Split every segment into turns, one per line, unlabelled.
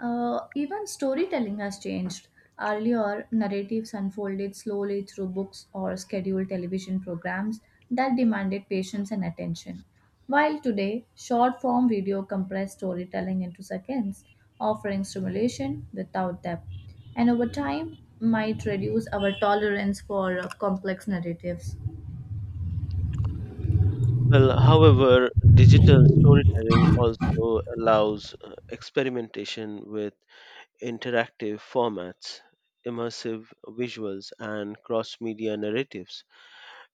Even storytelling has changed. Earlier, narratives unfolded slowly through books or scheduled television programs that demanded patience and attention. While today, short form video compressed storytelling into seconds, offering stimulation without depth. And over time, might reduce our tolerance for complex narratives.
Well, however, digital storytelling also allows experimentation with interactive formats, immersive visuals, and cross media narratives.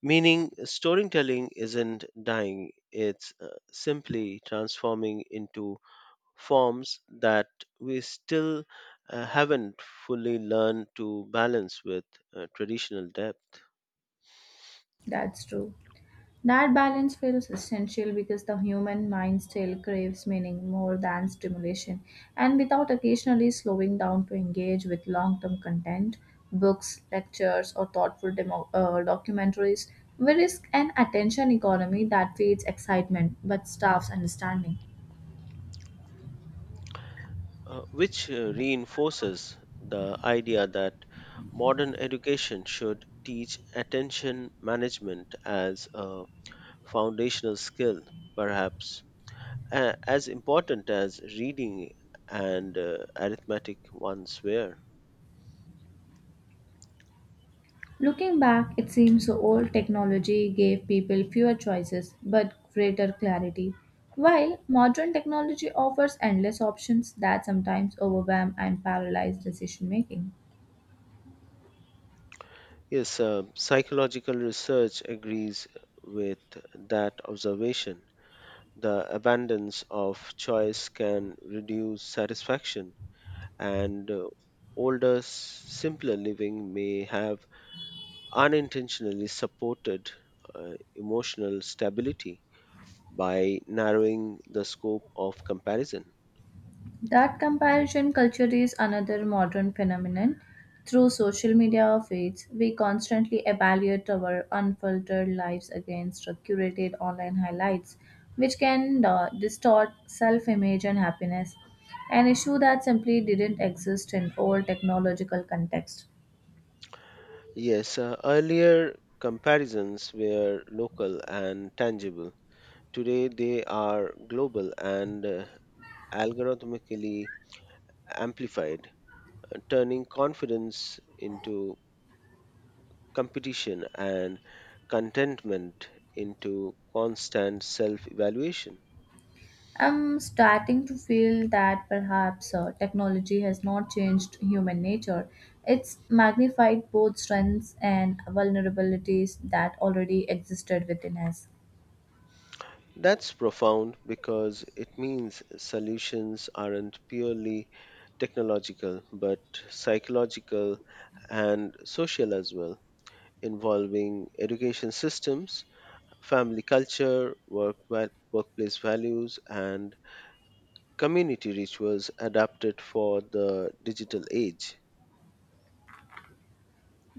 Meaning, storytelling isn't dying, it's simply transforming into forms that we still haven't fully learned to balance with traditional depth.
That's true. That balance feels essential because the human mind still craves meaning more than stimulation, and without occasionally slowing down to engage with long term content, books, lectures, or thoughtful documentaries, we risk an attention economy that feeds excitement but starves understanding.
Which reinforces the idea that modern education should teach attention management as a foundational skill, perhaps as important as reading and arithmetic once were.
Looking back, it seems the old technology gave people fewer choices but greater clarity, while modern technology offers endless options that sometimes overwhelm and paralyze decision making.
Yes, psychological research agrees with that observation. The abundance of choice can reduce satisfaction and older, simpler living may have unintentionally supported emotional stability by narrowing the scope of comparison.
That comparison culture is another modern phenomenon. Through social media feeds, we constantly evaluate our unfiltered lives against curated online highlights, which can distort self image and happiness, an issue that simply didn't exist in old technological context.
Yes, earlier comparisons were local and tangible. Today they are global and algorithmically amplified, turning confidence into competition and contentment into constant self evaluation.
I'm starting to feel that perhaps technology has not changed human nature. It's magnified both strengths and vulnerabilities that already existed within us.
That's profound because it means solutions aren't purely technological but psychological and social as well, involving education systems, family culture, work, workplace values, and community rituals adapted for the digital age.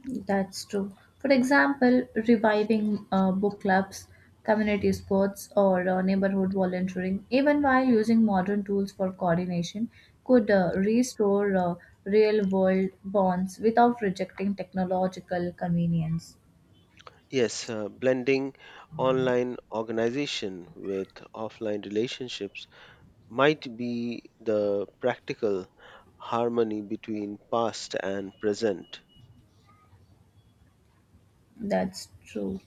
That's true. For example, reviving book clubs, community sports, or neighborhood volunteering, even while using modern tools for coordination, could restore real world bonds without rejecting technological convenience.
Yes, blending online organization with offline relationships might be the practical harmony between past and present.
That's true.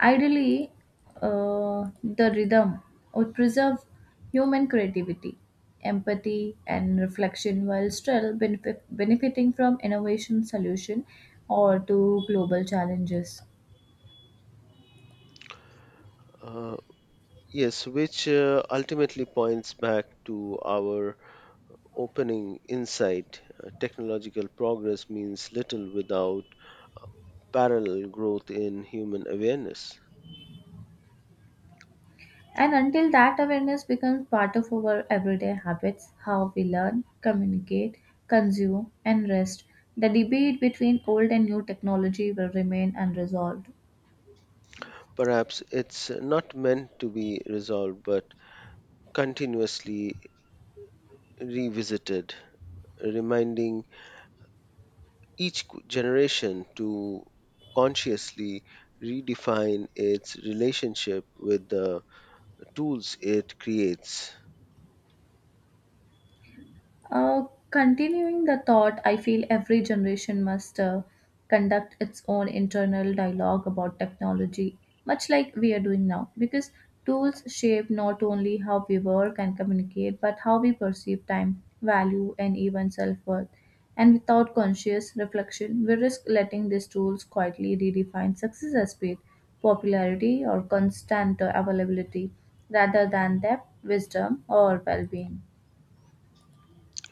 Ideally, the rhythm would preserve human creativity, empathy, and reflection while still benefiting from innovation solution or to global challenges.
Uh, yes, which ultimately points back to our opening insight. Technological progress means little without parallel growth in human awareness.
And until that awareness becomes part of our everyday habits, how we learn, communicate, consume, and rest, the debate between old and new technology will remain unresolved.
Perhaps it's not meant to be resolved but continuously revisited, reminding each generation to consciously redefine its relationship with the tools it creates.
Uh, Continuing the thought, I feel every generation must conduct its own internal dialogue about technology, much like we are doing now, because tools shape not only how we work and communicate, but how we perceive time, value, and even self worth. And without conscious reflection, we risk letting these tools quietly redefine success as speed, popularity, or constant availability rather than depth, wisdom, or well being.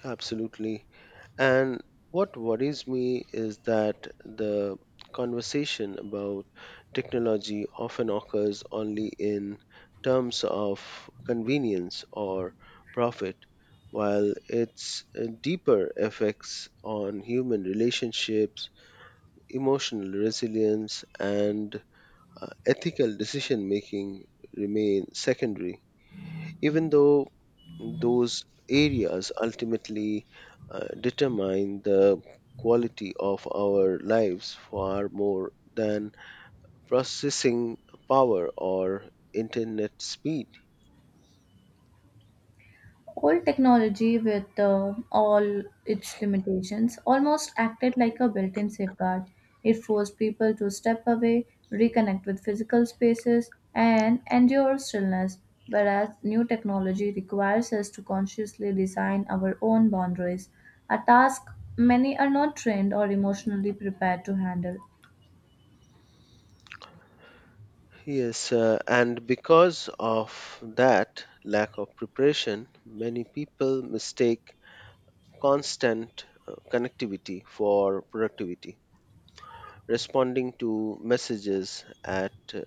Absolutely. And what worries me is that the conversation about technology often occurs only in terms of convenience or profit, while its deeper effects on human relationships, emotional resilience, and ethical decision making remain secondary, even though those areas ultimately determine the quality of our lives far more than processing power or internet speed.
Old technology, with all its limitations, almost acted like a built in safeguard. It forced people to step away, reconnect with physical spaces, and endure stillness, whereas new technology requires us to consciously design our own boundaries, a task many are not trained or emotionally prepared to handle.
Yes, and because of that lack of preparation, many people mistake constant connectivity for productivity, responding to messages at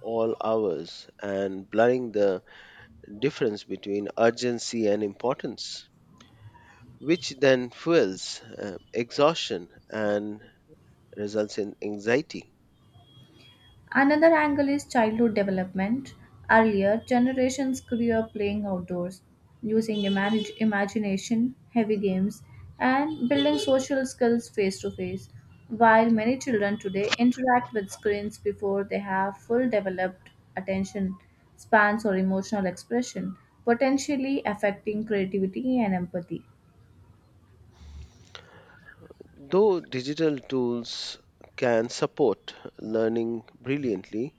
all hours, and blurring the difference between urgency and importance, which then fuels exhaustion and results in anxiety.
Another angle is childhood development. Earlier, generations grew up playing outdoors, using imagination, heavy games, and building social skills face to face. While many children today interact with screens before they have full developed attention spans or emotional expression, potentially affecting creativity and empathy.
Though digital tools can support learning brilliantly,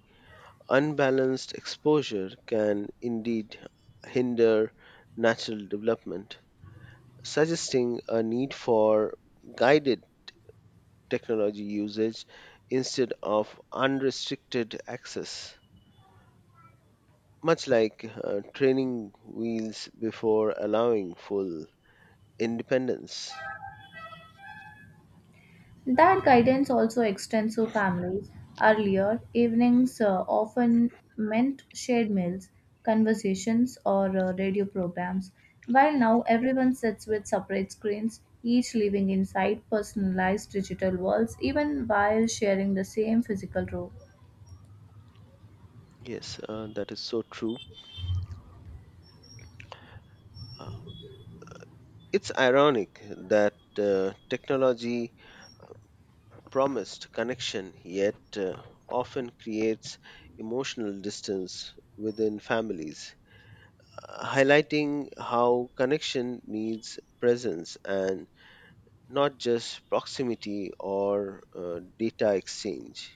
unbalanced exposure can indeed hinder natural development, suggesting a need for guided technology usage instead of unrestricted access, much like training wheels before allowing full independence.
That guidance also extends to families. Earlier, evenings often meant shared meals, conversations, or radio programs, while now everyone sits with separate screens, each living inside personalized digital worlds, even while sharing the same physical room.
Yes, that is so true. Uh, it's ironic that technology promised connection yet often creates emotional distance within families, highlighting how connection needs presence and not just proximity or data exchange.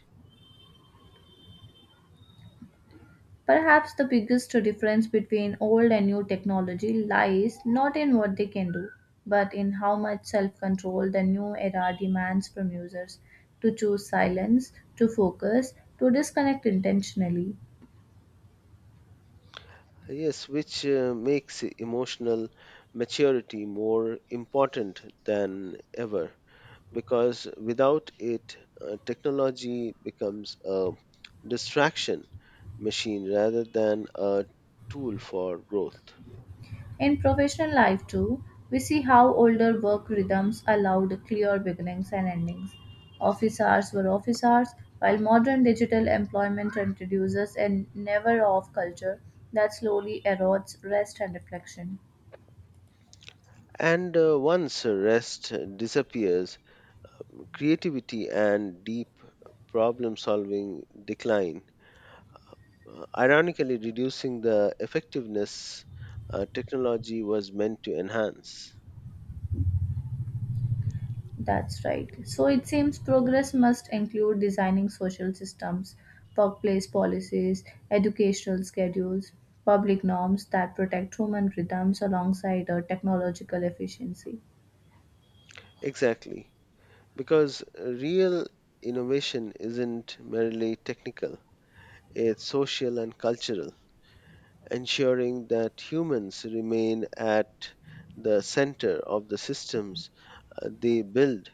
Perhaps the biggest difference between old and new technology lies not in what they can do, but in how much self control the new era demands from users to choose silence, to focus, to disconnect intentionally.
Yes, which makes emotional maturity more important than ever because without it, technology becomes a distraction machine rather than a tool for growth.
In professional life, too, we see how older work rhythms allowed clear beginnings and endings. Office hours were office hours, while modern digital employment introduces a never off culture that slowly erodes rest and reflection.
And once rest disappears, creativity and deep problem solving decline. Ironically, reducing the effectiveness technology was meant to enhance.
That's right. So it seems progress must include designing social systems, workplace policies, educational schedules, public norms that protect human rhythms alongside a technological efficiency.
Exactly, because real innovation isn't merely technical, it's social and cultural, ensuring that humans remain at the center of the systems they build.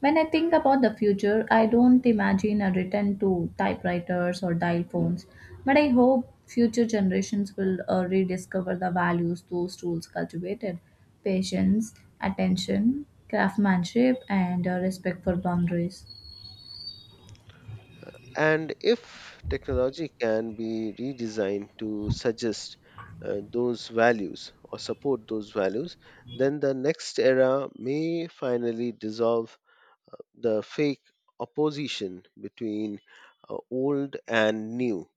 When I think about the future, I don't imagine a return to typewriters or dial phones, but I hope future generations will rediscover the values those tools cultivated patience, attention, craftsmanship, and respect for boundaries.
And if technology can be redesigned to suggest those values or support those values, then the next era may finally dissolve the fake opposition between old and new,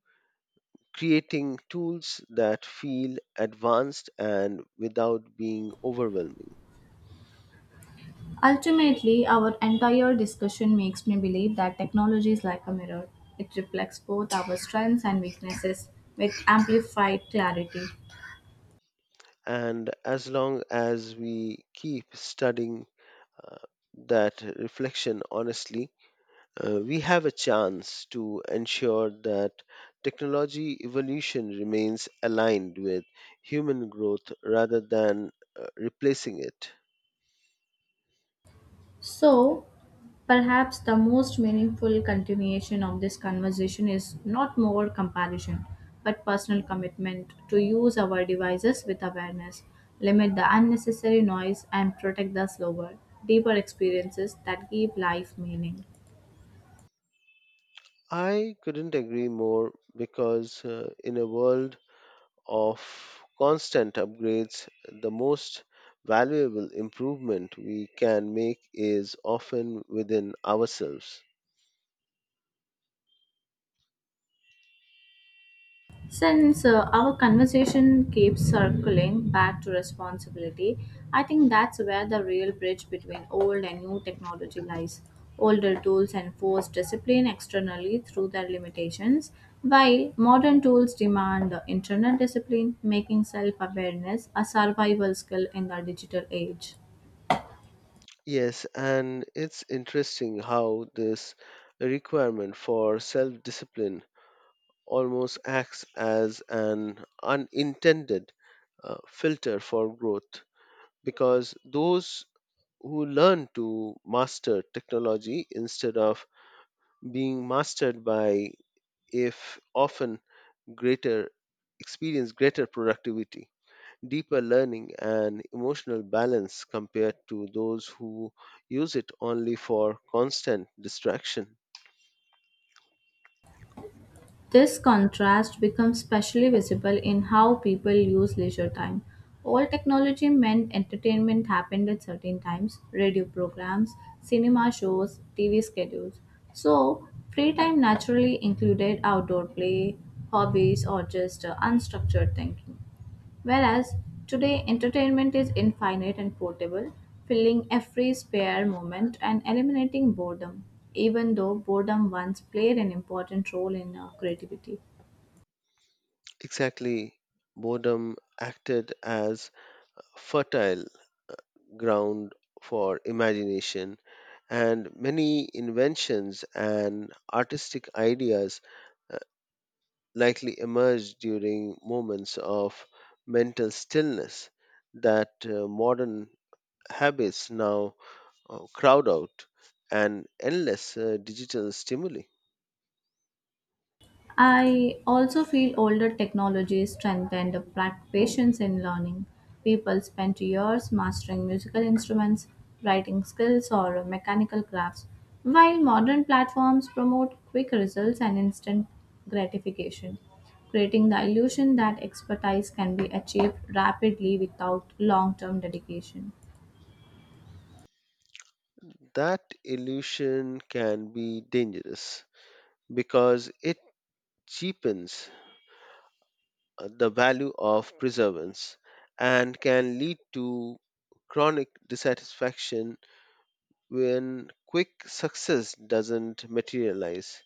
creating tools that feel advanced and without being overwhelming.
Ultimately, our entire discussion makes me believe that technology is like a mirror. It reflects both our strengths and weaknesses with amplified clarity.
And as long as we keep studying uh, that reflection honestly, we have a chance to ensure that technology evolution remains aligned with human growth rather than replacing it.
So, perhaps the most meaningful continuation of this conversation is not more comparison, but personal commitment to use our devices with awareness, limit the unnecessary noise, and protect the slower, deeper experiences that give life meaning.
I couldn't agree more because in a world of constant upgrades, the most valuable improvement we can make is often within ourselves.
Since our conversation keeps circling back to responsibility, I think that's where the real bridge between old and new technology lies. Older tools enforce discipline externally through their limitations, while modern tools demand internal discipline, making self awareness a survival skill in the digital age.
Yes, and it's interesting how this requirement for self discipline almost acts as an unintended filter for growth because those who learn to master technology instead of being mastered by if often greater experience greater productivity, deeper learning, and emotional balance compared to those who use it only for constant distraction.
This contrast becomes especially visible in how people use leisure time. Old technology meant entertainment happened at certain times radio programs, cinema shows, TV schedules. So, free time naturally included outdoor play, hobbies, or just unstructured thinking. Whereas today, entertainment is infinite and portable, filling every spare moment and eliminating boredom, even though boredom once played an important role in our creativity.
Exactly, boredom acted as fertile ground for imagination, and many inventions and artistic ideas uh, likely emerged during moments of mental stillness that modern habits now crowd out, and endless digital stimuli.
I also feel older technologies strengthened patience in learning. People spent years mastering musical instruments, writing skills, or mechanical crafts, while modern platforms promote quick results and instant gratification, creating the illusion that expertise can be achieved rapidly without long term dedication.
That illusion can be dangerous because it cheapens the value of preservance and can lead to chronic dissatisfaction when quick success doesn't materialize,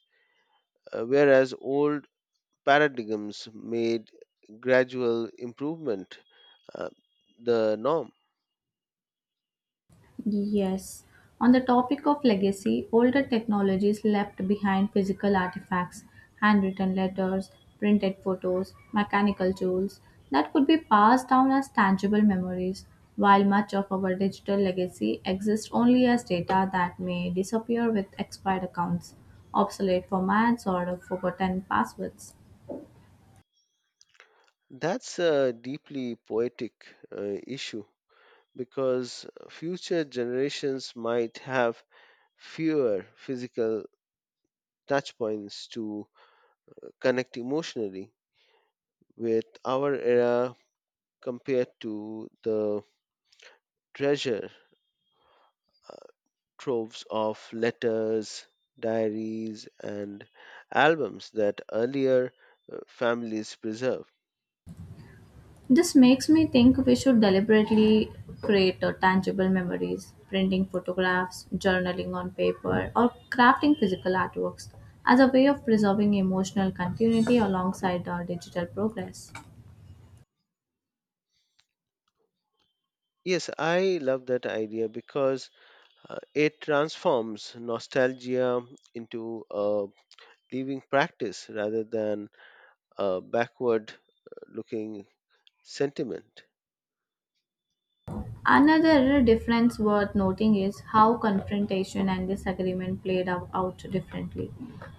whereas old paradigms made gradual improvement uh, the norm.
Yes. On the topic of legacy, older technologies left behind physical artifacts, handwritten letters, printed photos, mechanical tools that could be passed down as tangible memories, while much of our digital legacy exists only as data that may disappear with expired accounts, obsolete formats, or forgotten passwords.
That's a deeply poetic issue because future generations might have fewer physical touchpoints to connect emotionally with our era compared to the treasure uh, troves of letters, diaries, and albums that earlier families preserved.
This makes me think we should deliberately create tangible memories, printing photographs, journaling on paper, or crafting physical artworks as a way of preserving emotional continuity alongside our digital progress.
Yes, I love that idea because it transforms nostalgia into a living practice rather than a backward looking sentiment.
Another difference worth noting is how confrontation and disagreement played out differently.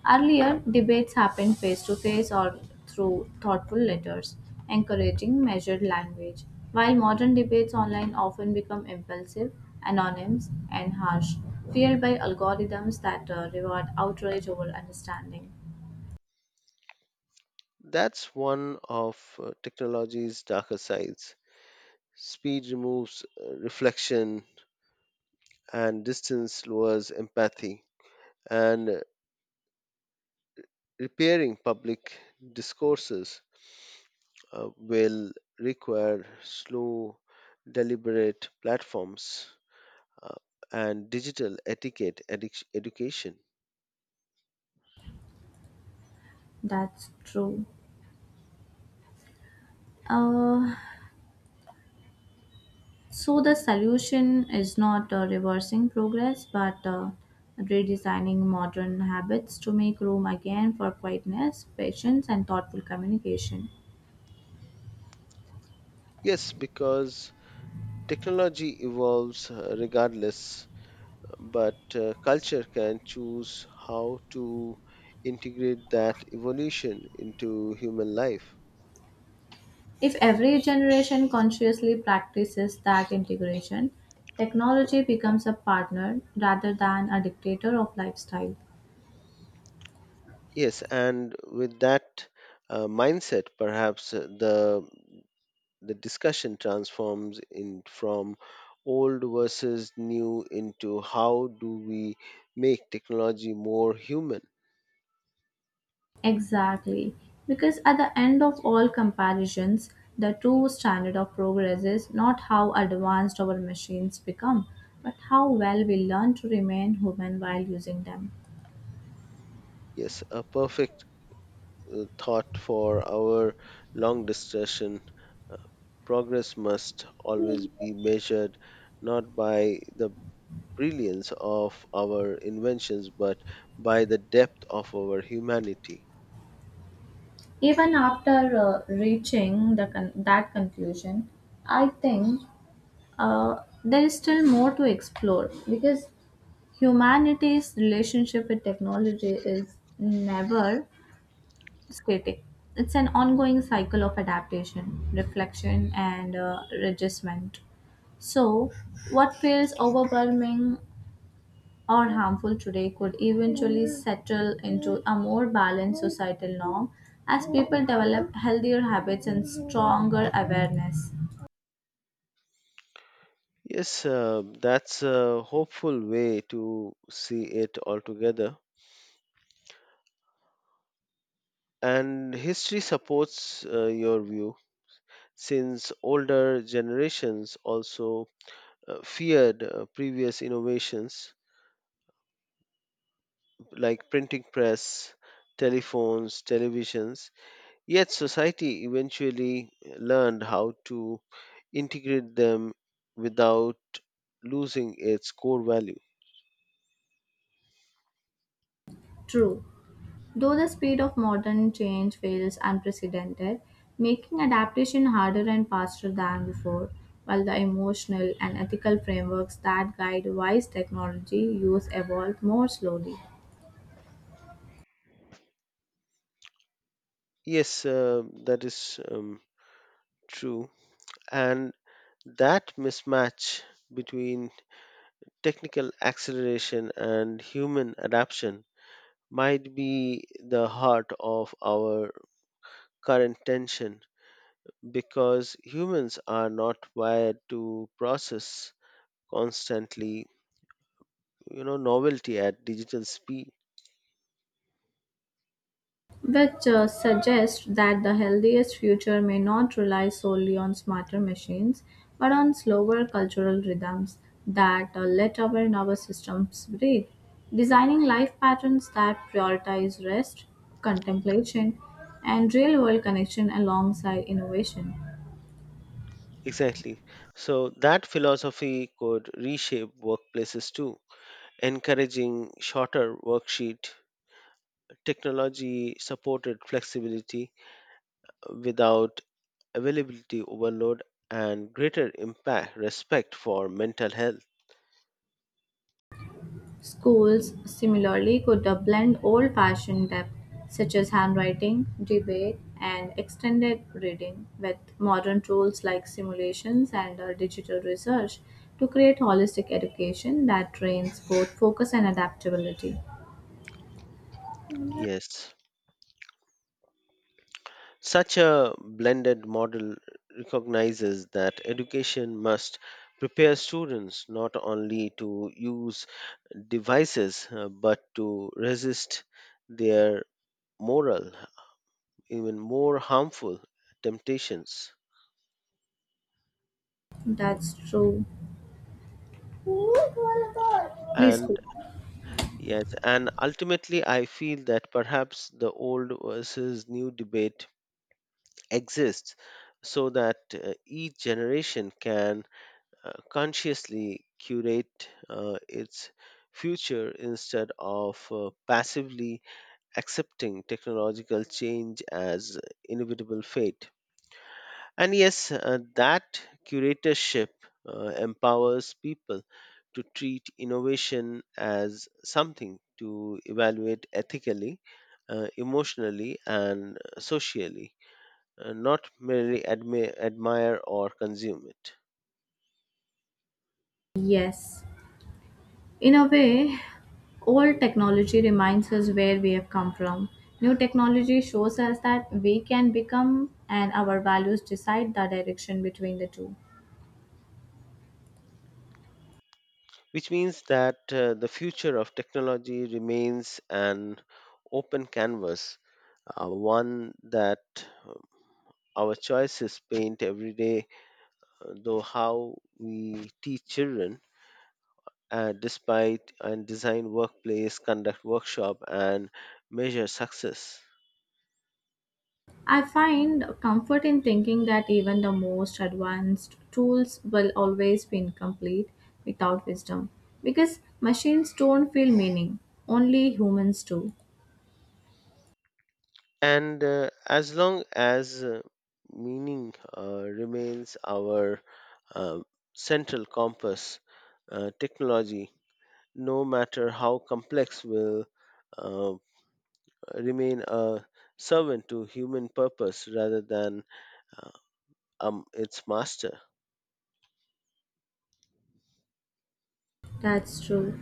Earlier, debates happened face to face or through thoughtful letters, encouraging measured language, while modern debates online often become impulsive, anonymous, and harsh, fueled by algorithms that reward outrage over understanding.
That's one of technology's darker sides. Speed removes reflection, and distance lowers empathy. And repairing public discourses will require slow, deliberate platforms, uh, and digital etiquette education.
That's true. Uh, So the solution is not reversing progress, but redesigning modern habits to make room again for quietness, patience, and thoughtful communication.
Yes, because technology evolves regardless, but culture can choose how to integrate that evolution into human life.
If every generation consciously practices that integration, technology becomes a partner rather than a dictator of lifestyle.
Yes, and with that mindset, perhaps the discussion transforms in from old versus new into how do we make technology more human.
Exactly, because at the end of all comparisons, the true standard of progress is not how advanced our machines become, but how well we learn to remain human while using them.
Yes, a perfect thought for our long discussion. Progress must always be measured not by the brilliance of our inventions but by the depth of our humanity.
Even after reaching the that conclusion, I think there is still more to explore because humanity's relationship with technology is never skating. It's an ongoing cycle of adaptation, reflection, and readjustment. So, what feels overwhelming or harmful today could eventually settle into a more balanced societal norm as people develop healthier habits and stronger awareness.
Yes, that's a hopeful way to see it altogether. And history supports your view since older generations also feared previous innovations like printing press, telephones, televisions, yet society eventually learned how to integrate them without losing its core value.
True. Though the speed of modern change feels unprecedented, making adaptation harder and faster than before, while the emotional and ethical frameworks that guide wise technology use evolve more slowly.
Yes, that is true. And that mismatch between technical acceleration and human adaptation might be the heart of our current tension because humans are not wired to process constantly, you know, novelty at digital speed.
Which suggests that the healthiest future may not rely solely on smarter machines but on slower cultural rhythms that let our nervous systems breathe. Designing life patterns that prioritize rest, contemplation, and real world connection alongside innovation.
Exactly, so that philosophy could reshape workplaces too, encouraging shorter worksheet, technology supported flexibility without availability overload and greater impact respect for mental health.
Schools, similarly, could blend old-fashioned depth, such as handwriting, debate, and extended reading, with modern tools like simulations and digital research to create holistic education that trains both focus and adaptability.
Yes. Such a blended model recognizes that education must prepare students not only to use devices but to resist their moral, even more harmful temptations.
That's true. Please
And
go.
yes, and ultimately, I feel that perhaps the old versus new debate exists so that each generation can consciously curate its future instead of passively accepting technological change as inevitable fate. And yes, that curatorship empowers people to treat innovation as something to evaluate ethically, emotionally, and socially, not merely admire or consume it.
Yes. In a way, old technology reminds us where we have come from. New technology shows us that we can become, and our values decide the direction between the two.
Which means that the future of technology remains an open canvas, one that uh, our choices paint every day, though how we teach children. Despite and design workplace, conduct workshop, and measure success.
I find comfort in thinking that even the most advanced tools will always be incomplete without wisdom because machines don't feel meaning, only humans do.
And as long as meaning remains our uh, central compass, technology, no matter how complex, will uh, remain a servant to human purpose rather than uh, its master.
That's true.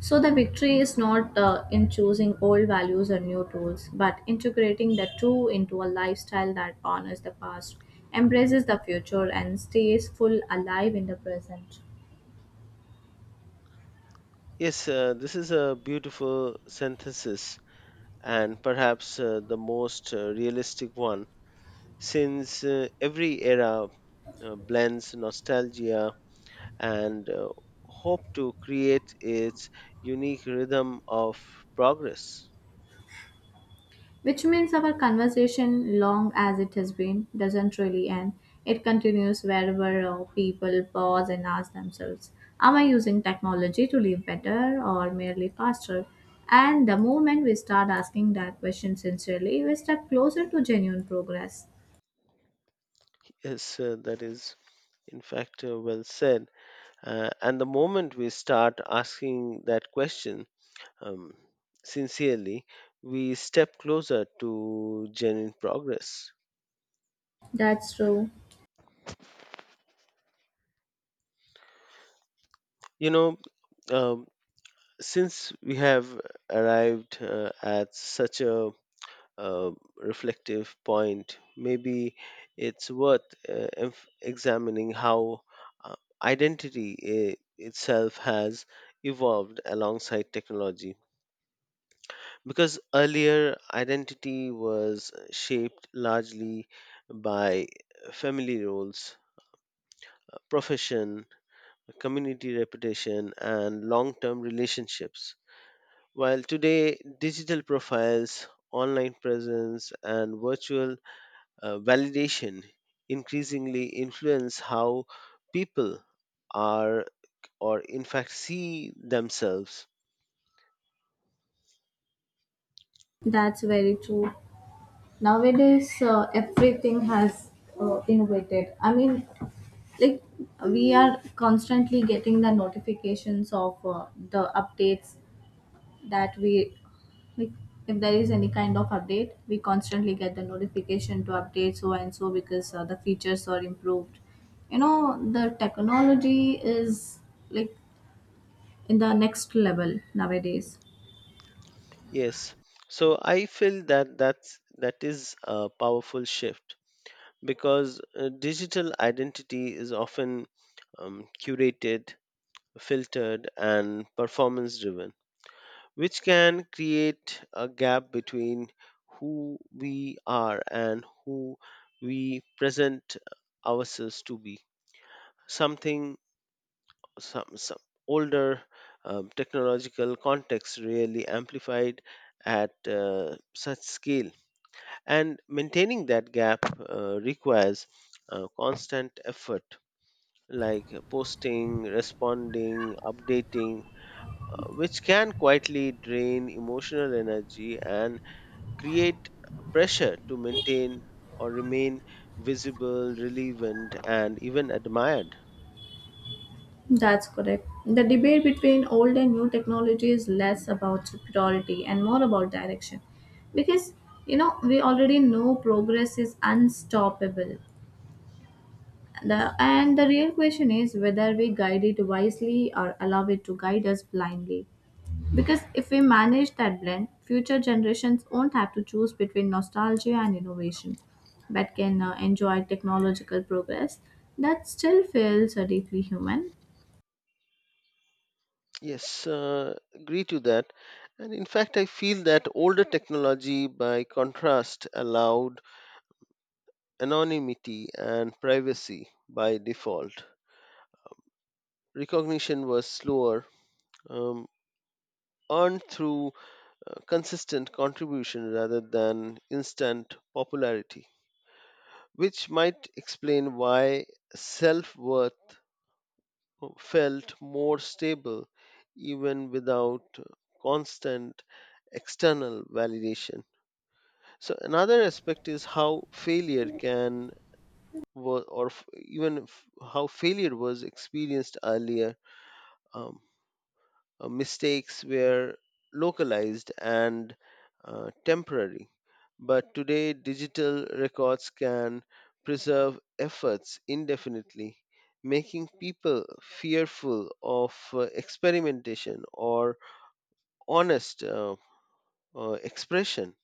So the victory is not in choosing old values or new tools, but integrating the two into a lifestyle that honors the past, embraces the future, and stays full alive in the present.
Yes, this is a beautiful synthesis and perhaps the most realistic one since every era blends nostalgia and hope to create its unique rhythm of progress.
Which means our conversation, long as it has been, doesn't really end. It continues wherever people pause and ask themselves, am I using technology to live better or merely faster? And the moment we start asking that question sincerely, we step closer to genuine progress.
Yes, that is in fact well said. And the moment we start asking that question um, sincerely, we step closer to genuine progress.
That's true.
You know, um, since we have arrived at such a uh, reflective point, maybe it's worth examining how uh, identity itself has evolved alongside technology. Because earlier identity was shaped largely by family roles, profession, community reputation, and long term relationships. While today, digital profiles, online presence, and virtual validation increasingly influence how people are or, in fact, see themselves.
That's very true. Nowadays, everything has innovated. I mean, like we are constantly getting the notifications of the updates that we like, if there is any kind of update we constantly get the notification to update so and so because the features are improved, you know, the technology is like in the next level nowadays.
Yes. So I feel that that is a powerful shift because digital identity is often curated, filtered, and performance driven, which can create a gap between who we are and who we present ourselves to be. Something some older technological context really amplified at such scale, and maintaining that gap requires constant effort like posting, responding, updating, which can quietly drain emotional energy and create pressure to maintain or remain visible, relevant, and even admired.
That's correct. The debate between old and new technology is less about superiority and more about direction. Because you know, we already know progress is unstoppable. And the real question is whether we guide it wisely or allow it to guide us blindly. Because if we manage that blend, future generations won't have to choose between nostalgia and innovation, but can enjoy technological progress that still feels deeply human.
Yes, agree to that. And in fact, I feel that older technology, by contrast, allowed anonymity and privacy by default. Recognition was slower, um, earned through consistent contribution rather than instant popularity, which might explain why self worth felt more stable even without constant external validation. So, another aspect is how failure can wa- or f- even f- how failure was experienced earlier. Um, Mistakes were localized and temporary. But today, digital records can preserve efforts indefinitely, making people fearful of experimentation or honest expression.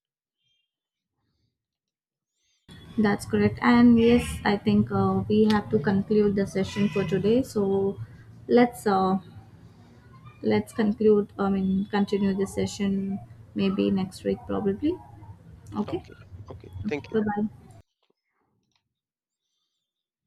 That's correct. And yes, I think we have to conclude the session for today. So let's uh, let's conclude. I mean, continue the session maybe next week, probably. Okay. Okay.
Okay, okay, thank you.
Bye bye.